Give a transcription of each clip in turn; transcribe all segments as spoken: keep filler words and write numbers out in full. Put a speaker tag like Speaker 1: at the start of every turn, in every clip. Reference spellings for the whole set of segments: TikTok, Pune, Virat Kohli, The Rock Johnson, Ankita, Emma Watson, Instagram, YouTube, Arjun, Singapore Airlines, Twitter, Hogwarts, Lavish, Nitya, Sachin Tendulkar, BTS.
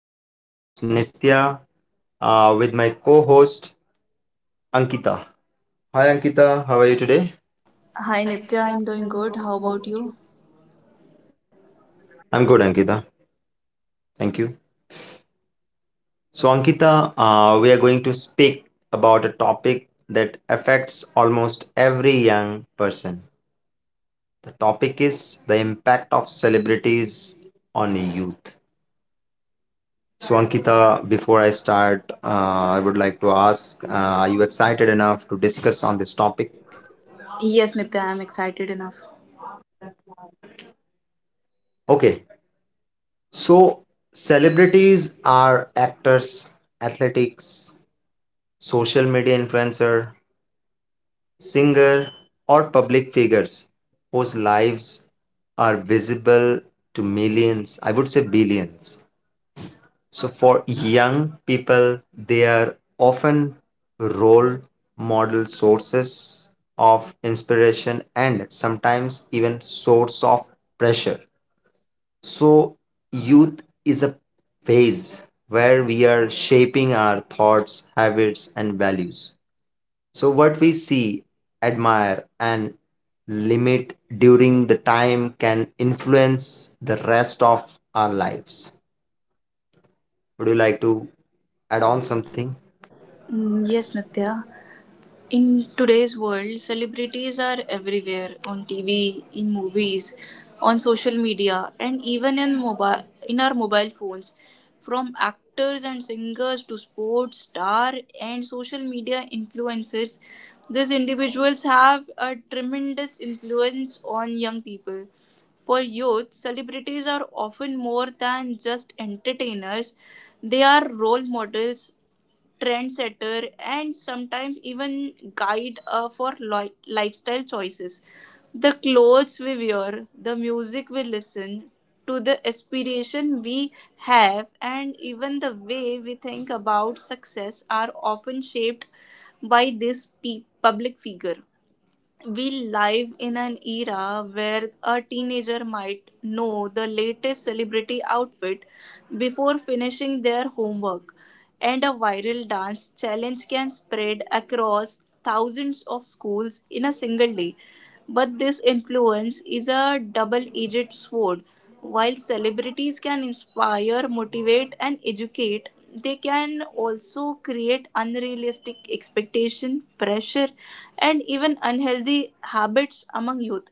Speaker 1: I am your host Nitya uh, with my co host Ankita. Hi Ankita, how are you today?
Speaker 2: Hi Nitya, I'm doing good. How about you?
Speaker 1: I'm good, Ankita. Thank you. So, Ankita, uh, we are going to speak about a topic that affects almost every young person. The topic is the impact of celebrities on youth. So, Ankita, before I start, uh, I would like to ask uh, are you excited enough to discuss on this topic?
Speaker 2: Yes, Nitya, I'm excited enough.
Speaker 1: Okay. So, celebrities are actors, athletics, social media influencer, singer, or public figures whose lives are visible to millions, I would say billions. So, for young people, they are often role model sources of inspiration and sometimes even source of pressure. So, youth is a phase where we are shaping our thoughts, habits, and values. So, what we see, admire, and limit during the time can influence the rest of our lives. Would you like to add on something?
Speaker 2: Mm, yes, Nitya. In today's world, celebrities are everywhere on T V, in movies, on social media, and even in mobile in our mobile phones. From actors and singers to sports star and social media influencers, these individuals have a tremendous influence on young people. For youth, celebrities are often more than just entertainers. They are role models, trendsetter, and sometimes even guide uh, for li- lifestyle choices. The clothes we wear, the music we listen to, the aspiration we have, and even the way we think about success are often shaped by this pe- public figure. We live in an era where a teenager might know the latest celebrity outfit before finishing their homework, and a viral dance challenge can spread across thousands of schools in a single day. But this influence is a double edged sword. While celebrities can inspire, motivate, and educate, they can also create unrealistic expectation, pressure, and even unhealthy habits among youth.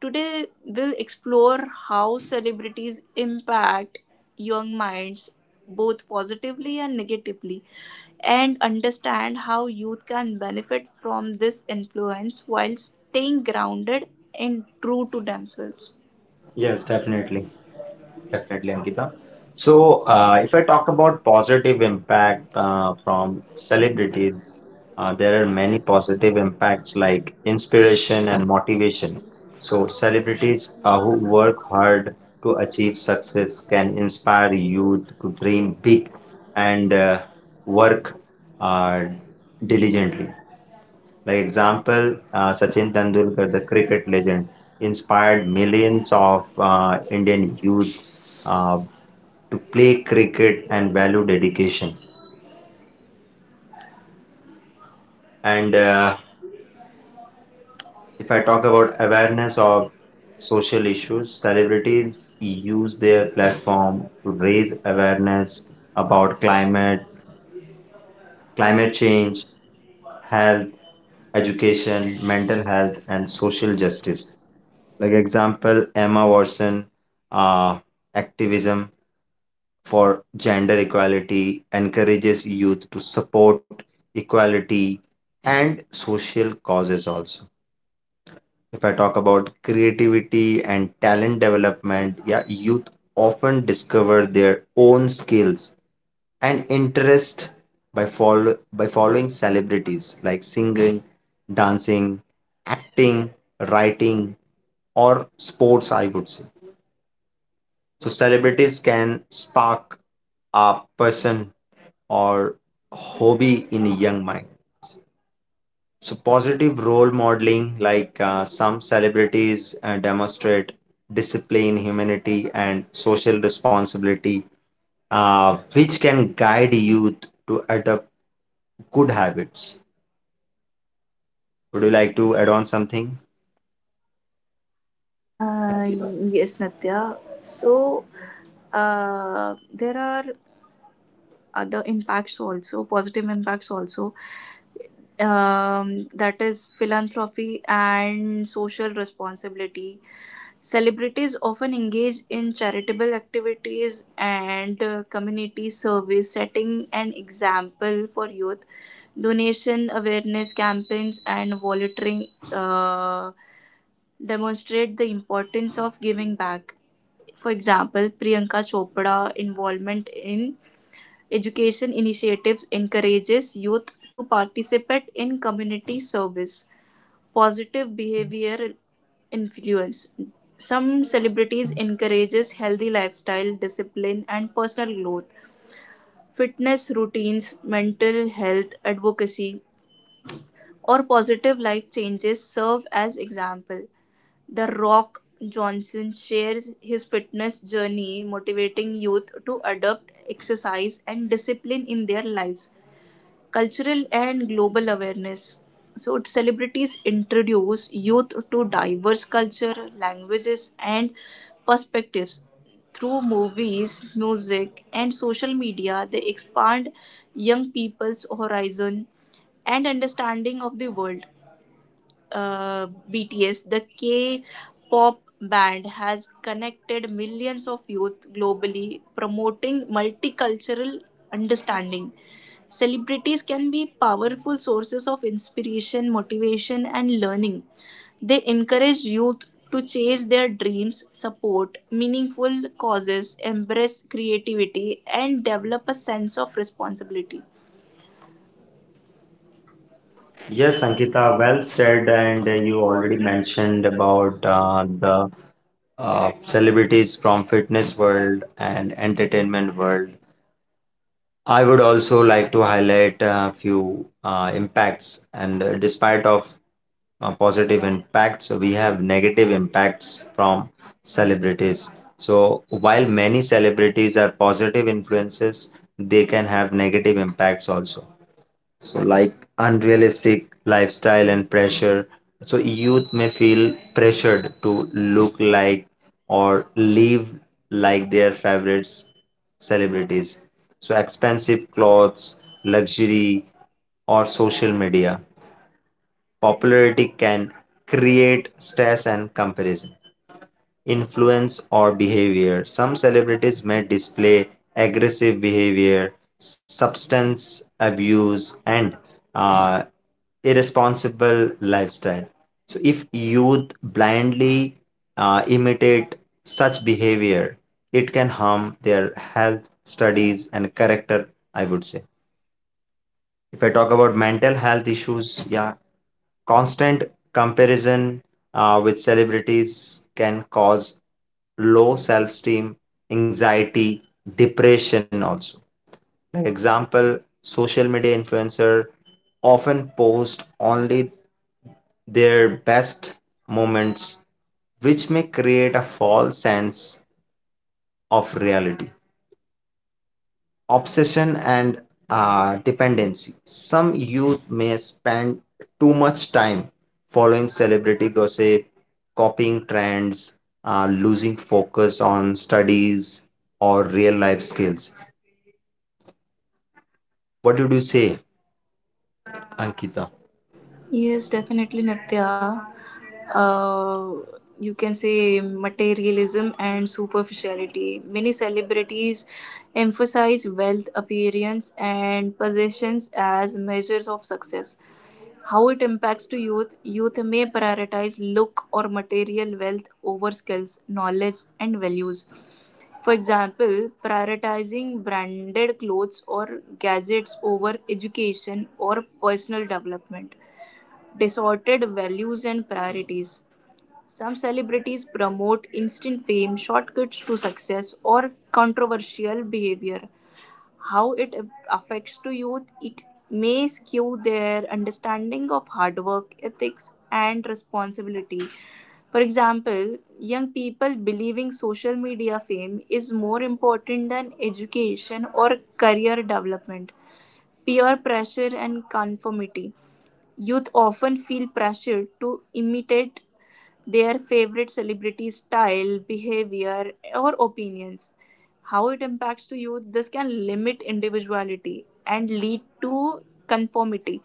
Speaker 2: Today, we'll explore how celebrities impact young minds both positively and negatively and understand how youth can benefit from this influence while staying grounded and true to themselves.
Speaker 1: Yes,
Speaker 2: Yes,
Speaker 1: definitely.
Speaker 2: definitely.
Speaker 1: Definitely,
Speaker 2: Definitely,
Speaker 1: Ankita.
Speaker 2: Ankita.
Speaker 1: So,
Speaker 2: So,
Speaker 1: uh,
Speaker 2: uh,
Speaker 1: if
Speaker 2: if
Speaker 1: I
Speaker 2: I
Speaker 1: talk
Speaker 2: talk
Speaker 1: about
Speaker 2: about
Speaker 1: positive
Speaker 2: positive
Speaker 1: impact
Speaker 2: impact uh,
Speaker 1: uh,
Speaker 2: from
Speaker 1: from celebrities,
Speaker 2: celebrities,
Speaker 1: Uh,
Speaker 2: uh,
Speaker 1: there
Speaker 2: there
Speaker 1: are
Speaker 2: are
Speaker 1: many
Speaker 2: many
Speaker 1: positive
Speaker 2: positive
Speaker 1: impacts
Speaker 2: impacts like
Speaker 1: like
Speaker 2: inspiration
Speaker 1: inspiration and
Speaker 2: and
Speaker 1: motivation.
Speaker 2: motivation.
Speaker 1: So,
Speaker 2: So,
Speaker 1: celebrities
Speaker 2: celebrities
Speaker 1: uh,
Speaker 2: uh,
Speaker 1: who
Speaker 2: who
Speaker 1: work
Speaker 2: work
Speaker 1: hard
Speaker 2: hard
Speaker 1: to
Speaker 2: to
Speaker 1: achieve
Speaker 2: achieve
Speaker 1: success
Speaker 2: success
Speaker 1: can
Speaker 2: can
Speaker 1: inspire
Speaker 2: inspire youth
Speaker 1: youth
Speaker 2: to
Speaker 1: to dream
Speaker 2: dream big
Speaker 1: big and
Speaker 2: and
Speaker 1: uh,
Speaker 2: uh,
Speaker 1: work
Speaker 2: work
Speaker 1: uh,
Speaker 2: uh, diligently.
Speaker 1: diligently. Like
Speaker 2: The example,
Speaker 1: example, uh,
Speaker 2: uh,
Speaker 1: Sachin
Speaker 2: Sachin
Speaker 1: Tendulkar,
Speaker 2: Tendulkar,
Speaker 1: the
Speaker 2: the
Speaker 1: cricket
Speaker 2: cricket legend,
Speaker 1: legend, inspired
Speaker 2: inspired
Speaker 1: millions
Speaker 2: millions
Speaker 1: of
Speaker 2: of
Speaker 1: uh,
Speaker 2: uh, Indian
Speaker 1: Indian youth
Speaker 2: youth uh,
Speaker 1: uh,
Speaker 2: to
Speaker 1: to play
Speaker 2: play
Speaker 1: cricket
Speaker 2: cricket
Speaker 1: and
Speaker 2: and
Speaker 1: value
Speaker 2: value dedication.
Speaker 1: dedication. And
Speaker 2: And
Speaker 1: uh,
Speaker 2: uh,
Speaker 1: if
Speaker 2: if
Speaker 1: I
Speaker 2: I talk
Speaker 1: talk
Speaker 2: about
Speaker 1: about awareness
Speaker 2: awareness
Speaker 1: of
Speaker 2: of social
Speaker 1: social issues.
Speaker 2: issues,
Speaker 1: Celebrities
Speaker 2: celebrities
Speaker 1: use
Speaker 2: use
Speaker 1: their
Speaker 2: their platform
Speaker 1: platform to
Speaker 2: to
Speaker 1: raise
Speaker 2: raise
Speaker 1: awareness
Speaker 2: awareness
Speaker 1: about
Speaker 2: about
Speaker 1: climate,
Speaker 2: climate,
Speaker 1: climate
Speaker 2: climate change,
Speaker 1: change,
Speaker 2: health,
Speaker 1: health,
Speaker 2: education,
Speaker 1: education, mental
Speaker 2: mental
Speaker 1: health,
Speaker 2: health,
Speaker 1: and
Speaker 2: and social
Speaker 1: social justice.
Speaker 2: justice.
Speaker 1: Like
Speaker 2: The
Speaker 1: example, Emma Watson, uh, activism for gender equality encourages youth to support equality and social causes also. If I talk about creativity and talent development, yeah, youth often discover their own skills and interest by follow by following celebrities like singing, dancing, acting, writing, or sports, I would say. So celebrities can spark a person or hobby in a young mind. So, positive role modeling, like uh, some celebrities uh, demonstrate discipline, humanity, and social responsibility, uh, which can guide youth to adopt good habits. Would you like to add on something?
Speaker 2: Uh, yes, Natya. So, uh, there are other impacts also, positive impacts also. Um, that is philanthropy and social responsibility. Celebrities often engage in charitable activities and uh, community service, setting an example for youth. Donation awareness campaigns and volunteering uh, demonstrate the importance of giving back. For example, Priyanka Chopra's involvement in education initiatives encourages youth to participate in community service. Positive behavior influence. Some celebrities encourages healthy lifestyle, discipline and personal growth, fitness routines, mental health advocacy or positive life changes serve as example. The Rock Johnson shares his fitness journey motivating youth to adopt exercise and discipline in their lives. Cultural and global awareness. So celebrities introduce youth to diverse culture, languages and perspectives. Through movies, music and social media, they expand young people's horizon and understanding of the world. uh, B T S, the K pop band, has connected millions of youth globally, promoting multicultural understanding. Celebrities can be powerful sources of inspiration, motivation, and learning. They encourage youth to chase their dreams, support meaningful causes, embrace creativity, and develop a sense of responsibility.
Speaker 1: Yes,
Speaker 2: Yes,
Speaker 1: Ankita,
Speaker 2: Ankita,
Speaker 1: well
Speaker 2: well
Speaker 1: said.
Speaker 2: said,
Speaker 1: And
Speaker 2: and
Speaker 1: uh, you
Speaker 2: you
Speaker 1: already
Speaker 2: already
Speaker 1: mentioned
Speaker 2: mentioned about
Speaker 1: about uh, the uh, celebrities from fitness world and entertainment world. I would also like to highlight a few uh, impacts, and uh, despite of uh, positive impacts, we have negative impacts from celebrities. So while many celebrities are positive influences, they can have negative impacts also. So, like unrealistic lifestyle and pressure. So, youth may feel pressured to look like or live like their favorites celebrities. So, expensive clothes, luxury, or social media. Popularity can create stress and comparison influence, or behavior. Some celebrities may display aggressive behavior, substance abuse, and uh, irresponsible lifestyle. So, if youth blindly uh, imitate such behavior, it can harm their health, studies, and character, I would say. If I talk about mental health issues, yeah, constant comparison uh, with celebrities can cause low self-esteem, anxiety, depression also. Like example, social media influencer often post only their best moments, which may create a false sense of reality. Obsession and uh, dependency. Some youth may spend too much time following celebrity gossip, copying trends, uh, losing focus on studies or real life skills. What did you say, Ankita?
Speaker 2: yes, definitely, Nitya. Uh, you can say materialism and superficiality. Many celebrities emphasize wealth, appearance, and possessions as measures of success. How it impacts to youth? Youth may prioritize look or material wealth over skills, knowledge, and values. For example, prioritizing branded clothes or gadgets over education or personal development. Distorted values and priorities. Some celebrities promote instant fame, shortcuts to success, or controversial behavior. How it affects to youth, it may skew their understanding of hard work, ethics, and responsibility. For example, young people believing social media fame is more important than education or career development, peer pressure, and conformity. Youth often feel pressured to imitate their favorite celebrities' style, behavior, or opinions. How it impacts the youth, this can limit individuality and lead to conformity,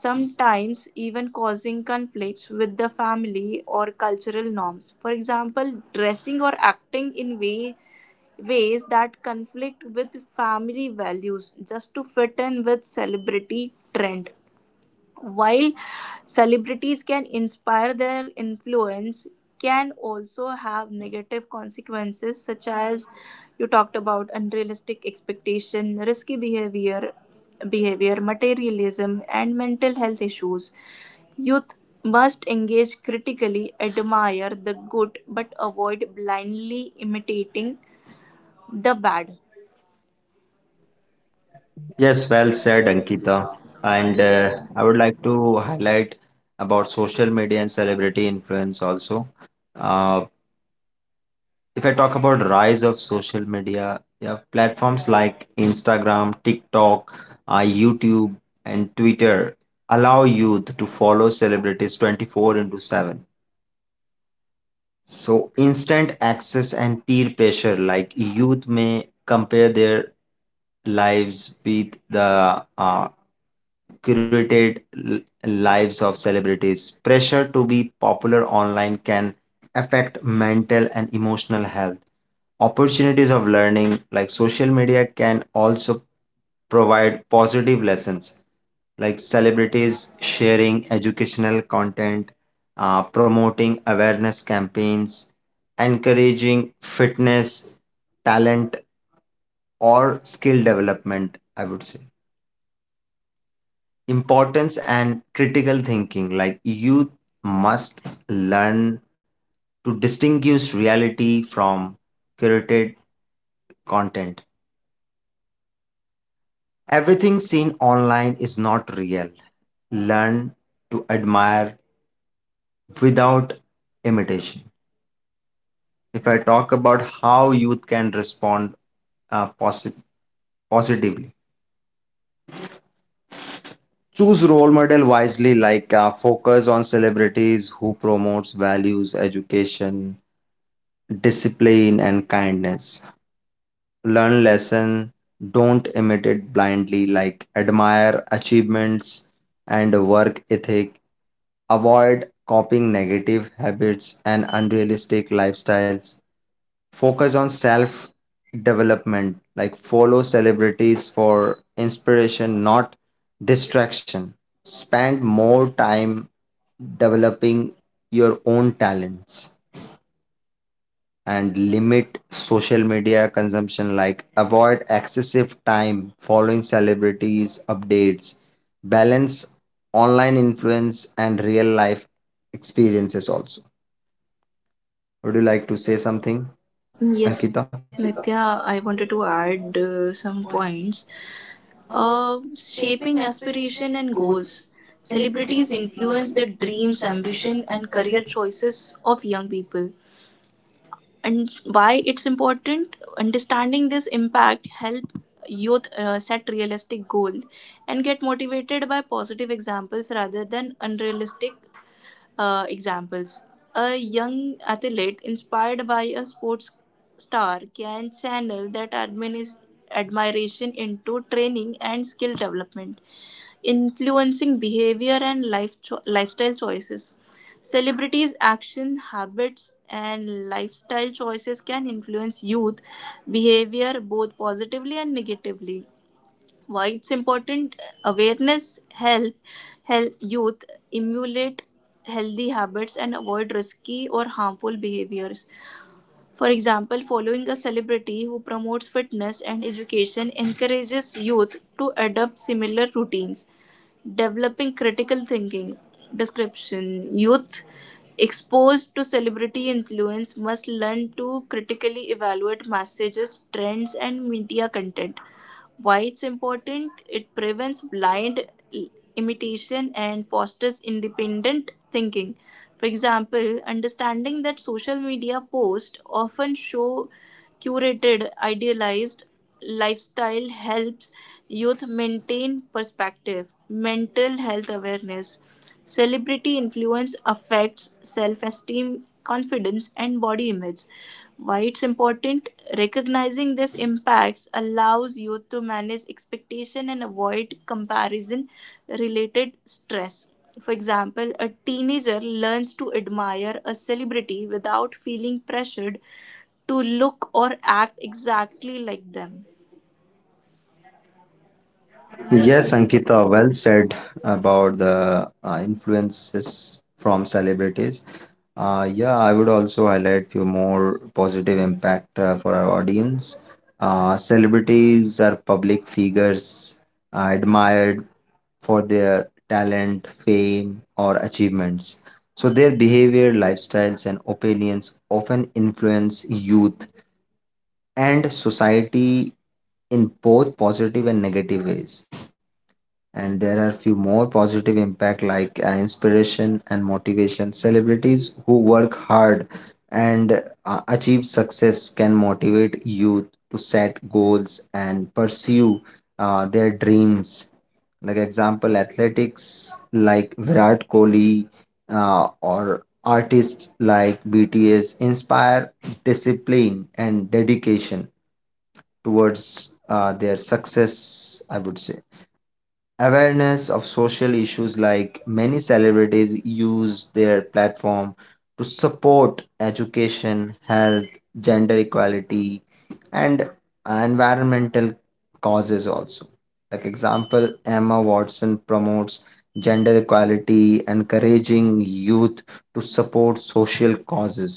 Speaker 2: sometimes even causing conflicts with the family or cultural norms. For example, dressing or acting in way ways that conflict with family values just to fit in with celebrity trend. While celebrities can inspire, their influence can also have negative consequences, such as you talked about unrealistic expectation, risky behavior, behavior, materialism, and mental health issues. Youth must engage critically, admire the good, but avoid blindly imitating the bad.
Speaker 1: Yes,
Speaker 2: Yes,
Speaker 1: well
Speaker 2: well
Speaker 1: said,
Speaker 2: said,
Speaker 1: Ankita.
Speaker 2: Ankita.
Speaker 1: And
Speaker 2: And
Speaker 1: uh,
Speaker 2: uh,
Speaker 1: I would like to highlight about social media and celebrity influence also. Uh, if I talk about rise of social media, yeah, platforms like Instagram, TikTok, uh, YouTube and Twitter allow youth to follow celebrities twenty-four into seven. So instant access and peer pressure, like youth may compare their lives with the uh, curated l- lives of celebrities. Pressure to be popular online can affect mental and emotional health. Opportunities of learning, like social media, can also provide positive lessons, like celebrities sharing educational content, uh, promoting awareness campaigns, encouraging fitness, talent, or skill development, I would say. Importance and critical thinking. Like youth must learn to distinguish reality from curated content. Everything seen online is not real. Learn to admire without imitation. If I talk about how youth can respond uh, posi- positively, choose role model wisely, like uh, focus on celebrities who promotes values, education, discipline, and kindness. Learn lesson, don't imitate blindly, like admire achievements and work ethic. Avoid copying negative habits and unrealistic lifestyles. Focus on self development, like follow celebrities for inspiration, not distraction. Spend more time developing your own talents and limit social media consumption, like avoid excessive time following celebrities updates. Balance online influence and real life experiences also. Would you like to say something, Ankita?
Speaker 2: yes, Nitya, I wanted to add uh, some points. Uh, shaping aspiration and goals. Celebrities influence the dreams, ambition, and career choices of young people. And why it's important? Understanding this impact help youth uh, set realistic goals and get motivated by positive examples rather than unrealistic uh, examples. A young athlete inspired by a sports star can channel that adminis- admiration into training and skill development, influencing behavior and life cho- lifestyle choices. Celebrities' action habits and lifestyle choices can influence youth behavior both positively and negatively. Why it's important? Awareness help help youth emulate healthy habits and avoid risky or harmful behaviors. For example, following a celebrity who promotes fitness and education encourages youth to adopt similar routines. Developing critical thinking description, youth exposed to celebrity influence must learn to critically evaluate messages, trends and media content. Why it's important? It prevents blind imitation and fosters independent thinking. For example, understanding that social media posts often show curated, idealized lifestyle helps youth maintain perspective. Mental health awareness. Celebrity influence affects self esteem, confidence, and body image. Why it's important? Recognizing these impacts allows youth to manage expectation and avoid comparison related stress. For example, a teenager learns to admire a celebrity without feeling pressured to look or act exactly like them. Yes,
Speaker 1: Yes,
Speaker 2: Ankita.
Speaker 1: Ankita, well said about the uh, influences from celebrities. Uh, yeah, I would also highlight few more positive impact uh, for our audience. Uh, celebrities are public figures uh, admired for their talent, fame, or achievements. So their behavior, lifestyles, and opinions often influence youth and society in both positive and negative ways. And there are few more positive impact, like uh, inspiration and motivation. Celebrities who work hard and uh, achieve success can motivate youth to set goals and pursue uh, their dreams. Like example, athletics like Virat Kohli, uh, or artists like BTS inspire discipline and dedication towards uh, their success, I would say. Awareness of social issues, like many celebrities use their platform to support education, health, gender equality, and environmental causes also. Like example, Emma Watson promotes gender equality, encouraging youth to support social causes.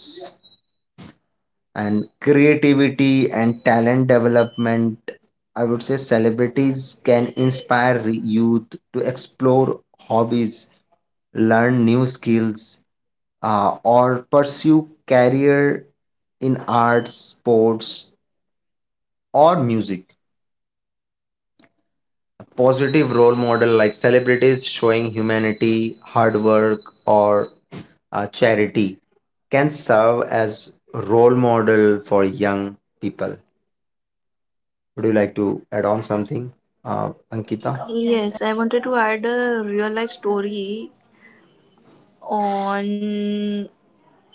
Speaker 1: And creativity and talent development, I would say celebrities can inspire youth to explore hobbies, learn new skills, uh, or pursue career in arts, sports, or music. A positive role model, like celebrities showing humanity, hard work, or uh, charity, can serve as role model for young people. Would you like to add on something, uh, Ankita? Yes.
Speaker 2: Yes, I wanted to add a real life story on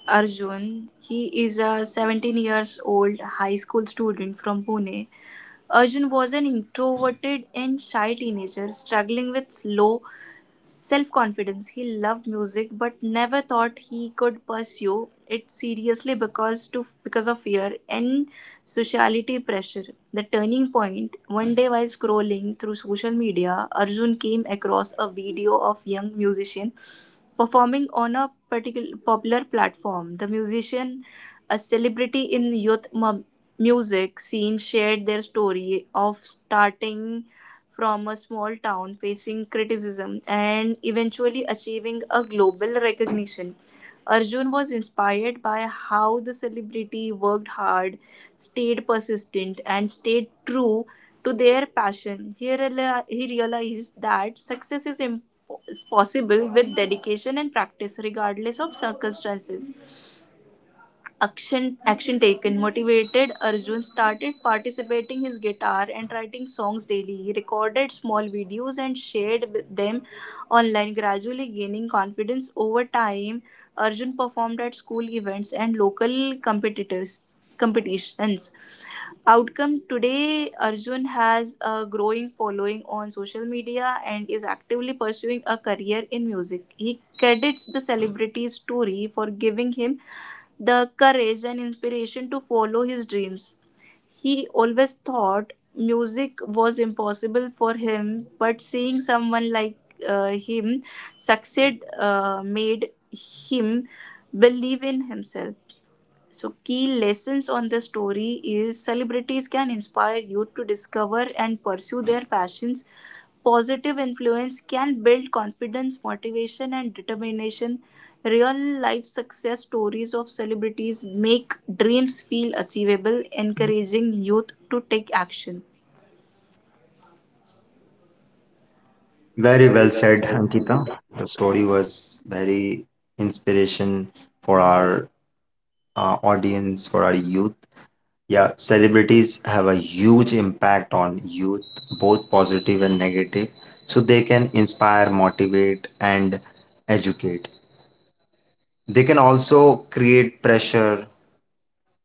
Speaker 2: Arjun. He is a seventeen years old high school student from Pune. Arjun was an introverted and shy teenager struggling with low self confidence. He loved music but never thought he could pursue it seriously because to because of fear and sociality pressure. The turning point, one day while scrolling through social media, Arjun came across a video of young musician performing on a particular popular platform. The musician, a celebrity in youth mu- music scene, shared their story of starting from a small town facing criticism and eventually achieving a global recognition. Arjun was inspired by how the celebrity worked hard, stayed persistent, and stayed true to their passion. He, reali- he realized that success is imp- is possible with dedication and practice, regardless of circumstances. Action action taken: motivated, Arjun started participating his guitar and writing songs daily. He recorded small videos and shared with them online, gradually gaining confidence. Over time, Arjun performed at school events and local competitors competitions. Outcome: today, Arjun has a growing following on social media and is actively pursuing a career in music. He credits the celebrity story for giving him the courage and inspiration to follow his dreams. He always thought music was impossible for him, but seeing someone like uh, him succeed uh, made him believe in himself. So, key lessons on the story is celebrities can inspire youth to discover and pursue their passions. Positive influence can build confidence, motivation, and determination. Real life success stories of celebrities make dreams feel achievable, encouraging youth to take action.
Speaker 1: Very
Speaker 2: Very
Speaker 1: well
Speaker 2: well
Speaker 1: said,
Speaker 2: said,
Speaker 1: Ankita.
Speaker 2: Ankita.
Speaker 1: The story was very inspiration for our uh, audience, for our youth. Yeah, celebrities have a huge impact on youth, both positive and negative. So they can inspire, motivate, and educate. They can also create pressure,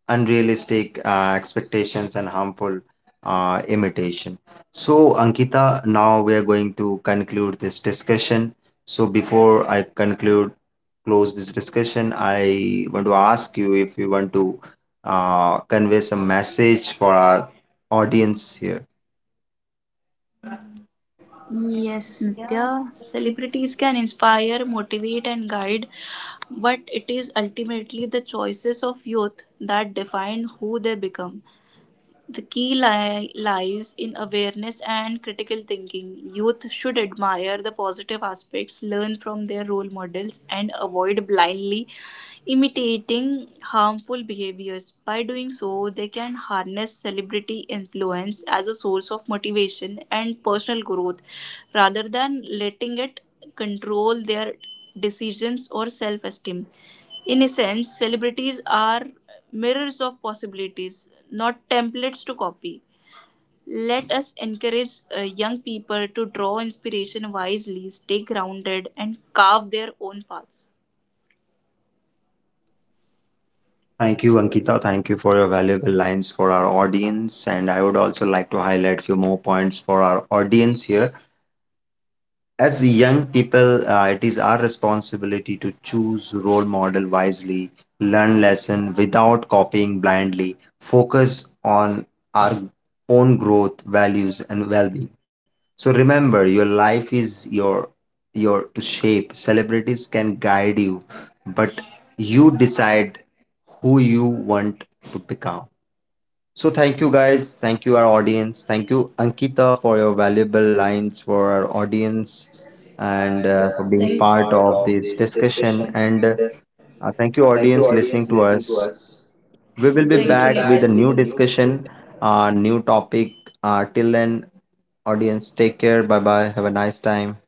Speaker 1: unrealistic uh, expectations and harmful uh, imitation. So, Ankita, now we are going to conclude this discussion. So, before I conclude, close this discussion, I want to ask you if you want to uh, convey some message for our audience here.
Speaker 2: Yes, Nitya, celebrities can inspire, motivate, and guide, but it is ultimately the choices of youth that define who they become. The key li- lies in awareness and critical thinking. Youth should admire the positive aspects, learn from their role models, and avoid blindly imitating harmful behaviors. By doing so, they can harness celebrity influence as a source of motivation and personal growth rather than letting it control their decisions or self esteem. In a sense, celebrities are mirrors of possibilities, not templates to copy. Let us encourage uh, young people to draw inspiration wisely, stay grounded, and carve their own paths.
Speaker 1: Thank you,
Speaker 2: Thank you. Anju.
Speaker 1: Ankita. Thank you for your valuable lines for our audience. And I would also like to highlight few more points for our audience here. As young people, uh, it is our responsibility to choose role model wisely, learn lesson without copying blindly, focus on our own growth, values, and well-being. So remember, your life is your your to shape. Celebrities can guide you, but you decide who you want to become. So thank you guys, thank you our audience, thank you Ankita for your valuable lines for
Speaker 2: For
Speaker 1: our
Speaker 2: our
Speaker 1: audience
Speaker 2: audience
Speaker 1: and
Speaker 2: and
Speaker 1: uh, for
Speaker 2: uh, for Thank
Speaker 1: being
Speaker 2: being
Speaker 1: part
Speaker 2: part
Speaker 1: of
Speaker 2: of
Speaker 1: this
Speaker 2: this
Speaker 1: discussion
Speaker 2: discussion.
Speaker 1: and uh,
Speaker 2: And
Speaker 1: uh,
Speaker 2: uh,
Speaker 1: thank you
Speaker 2: thank you,
Speaker 1: audience
Speaker 2: audience,
Speaker 1: listening to
Speaker 2: listening to
Speaker 1: us.
Speaker 2: us. We
Speaker 1: We will
Speaker 2: thank
Speaker 1: be
Speaker 2: will be you,
Speaker 1: back
Speaker 2: back Nitya.
Speaker 1: with a
Speaker 2: With a
Speaker 1: new
Speaker 2: new
Speaker 1: discussion,
Speaker 2: discussion.
Speaker 1: uh, new topic. Uh, till then, audience, take care. Bye bye. Have a nice time.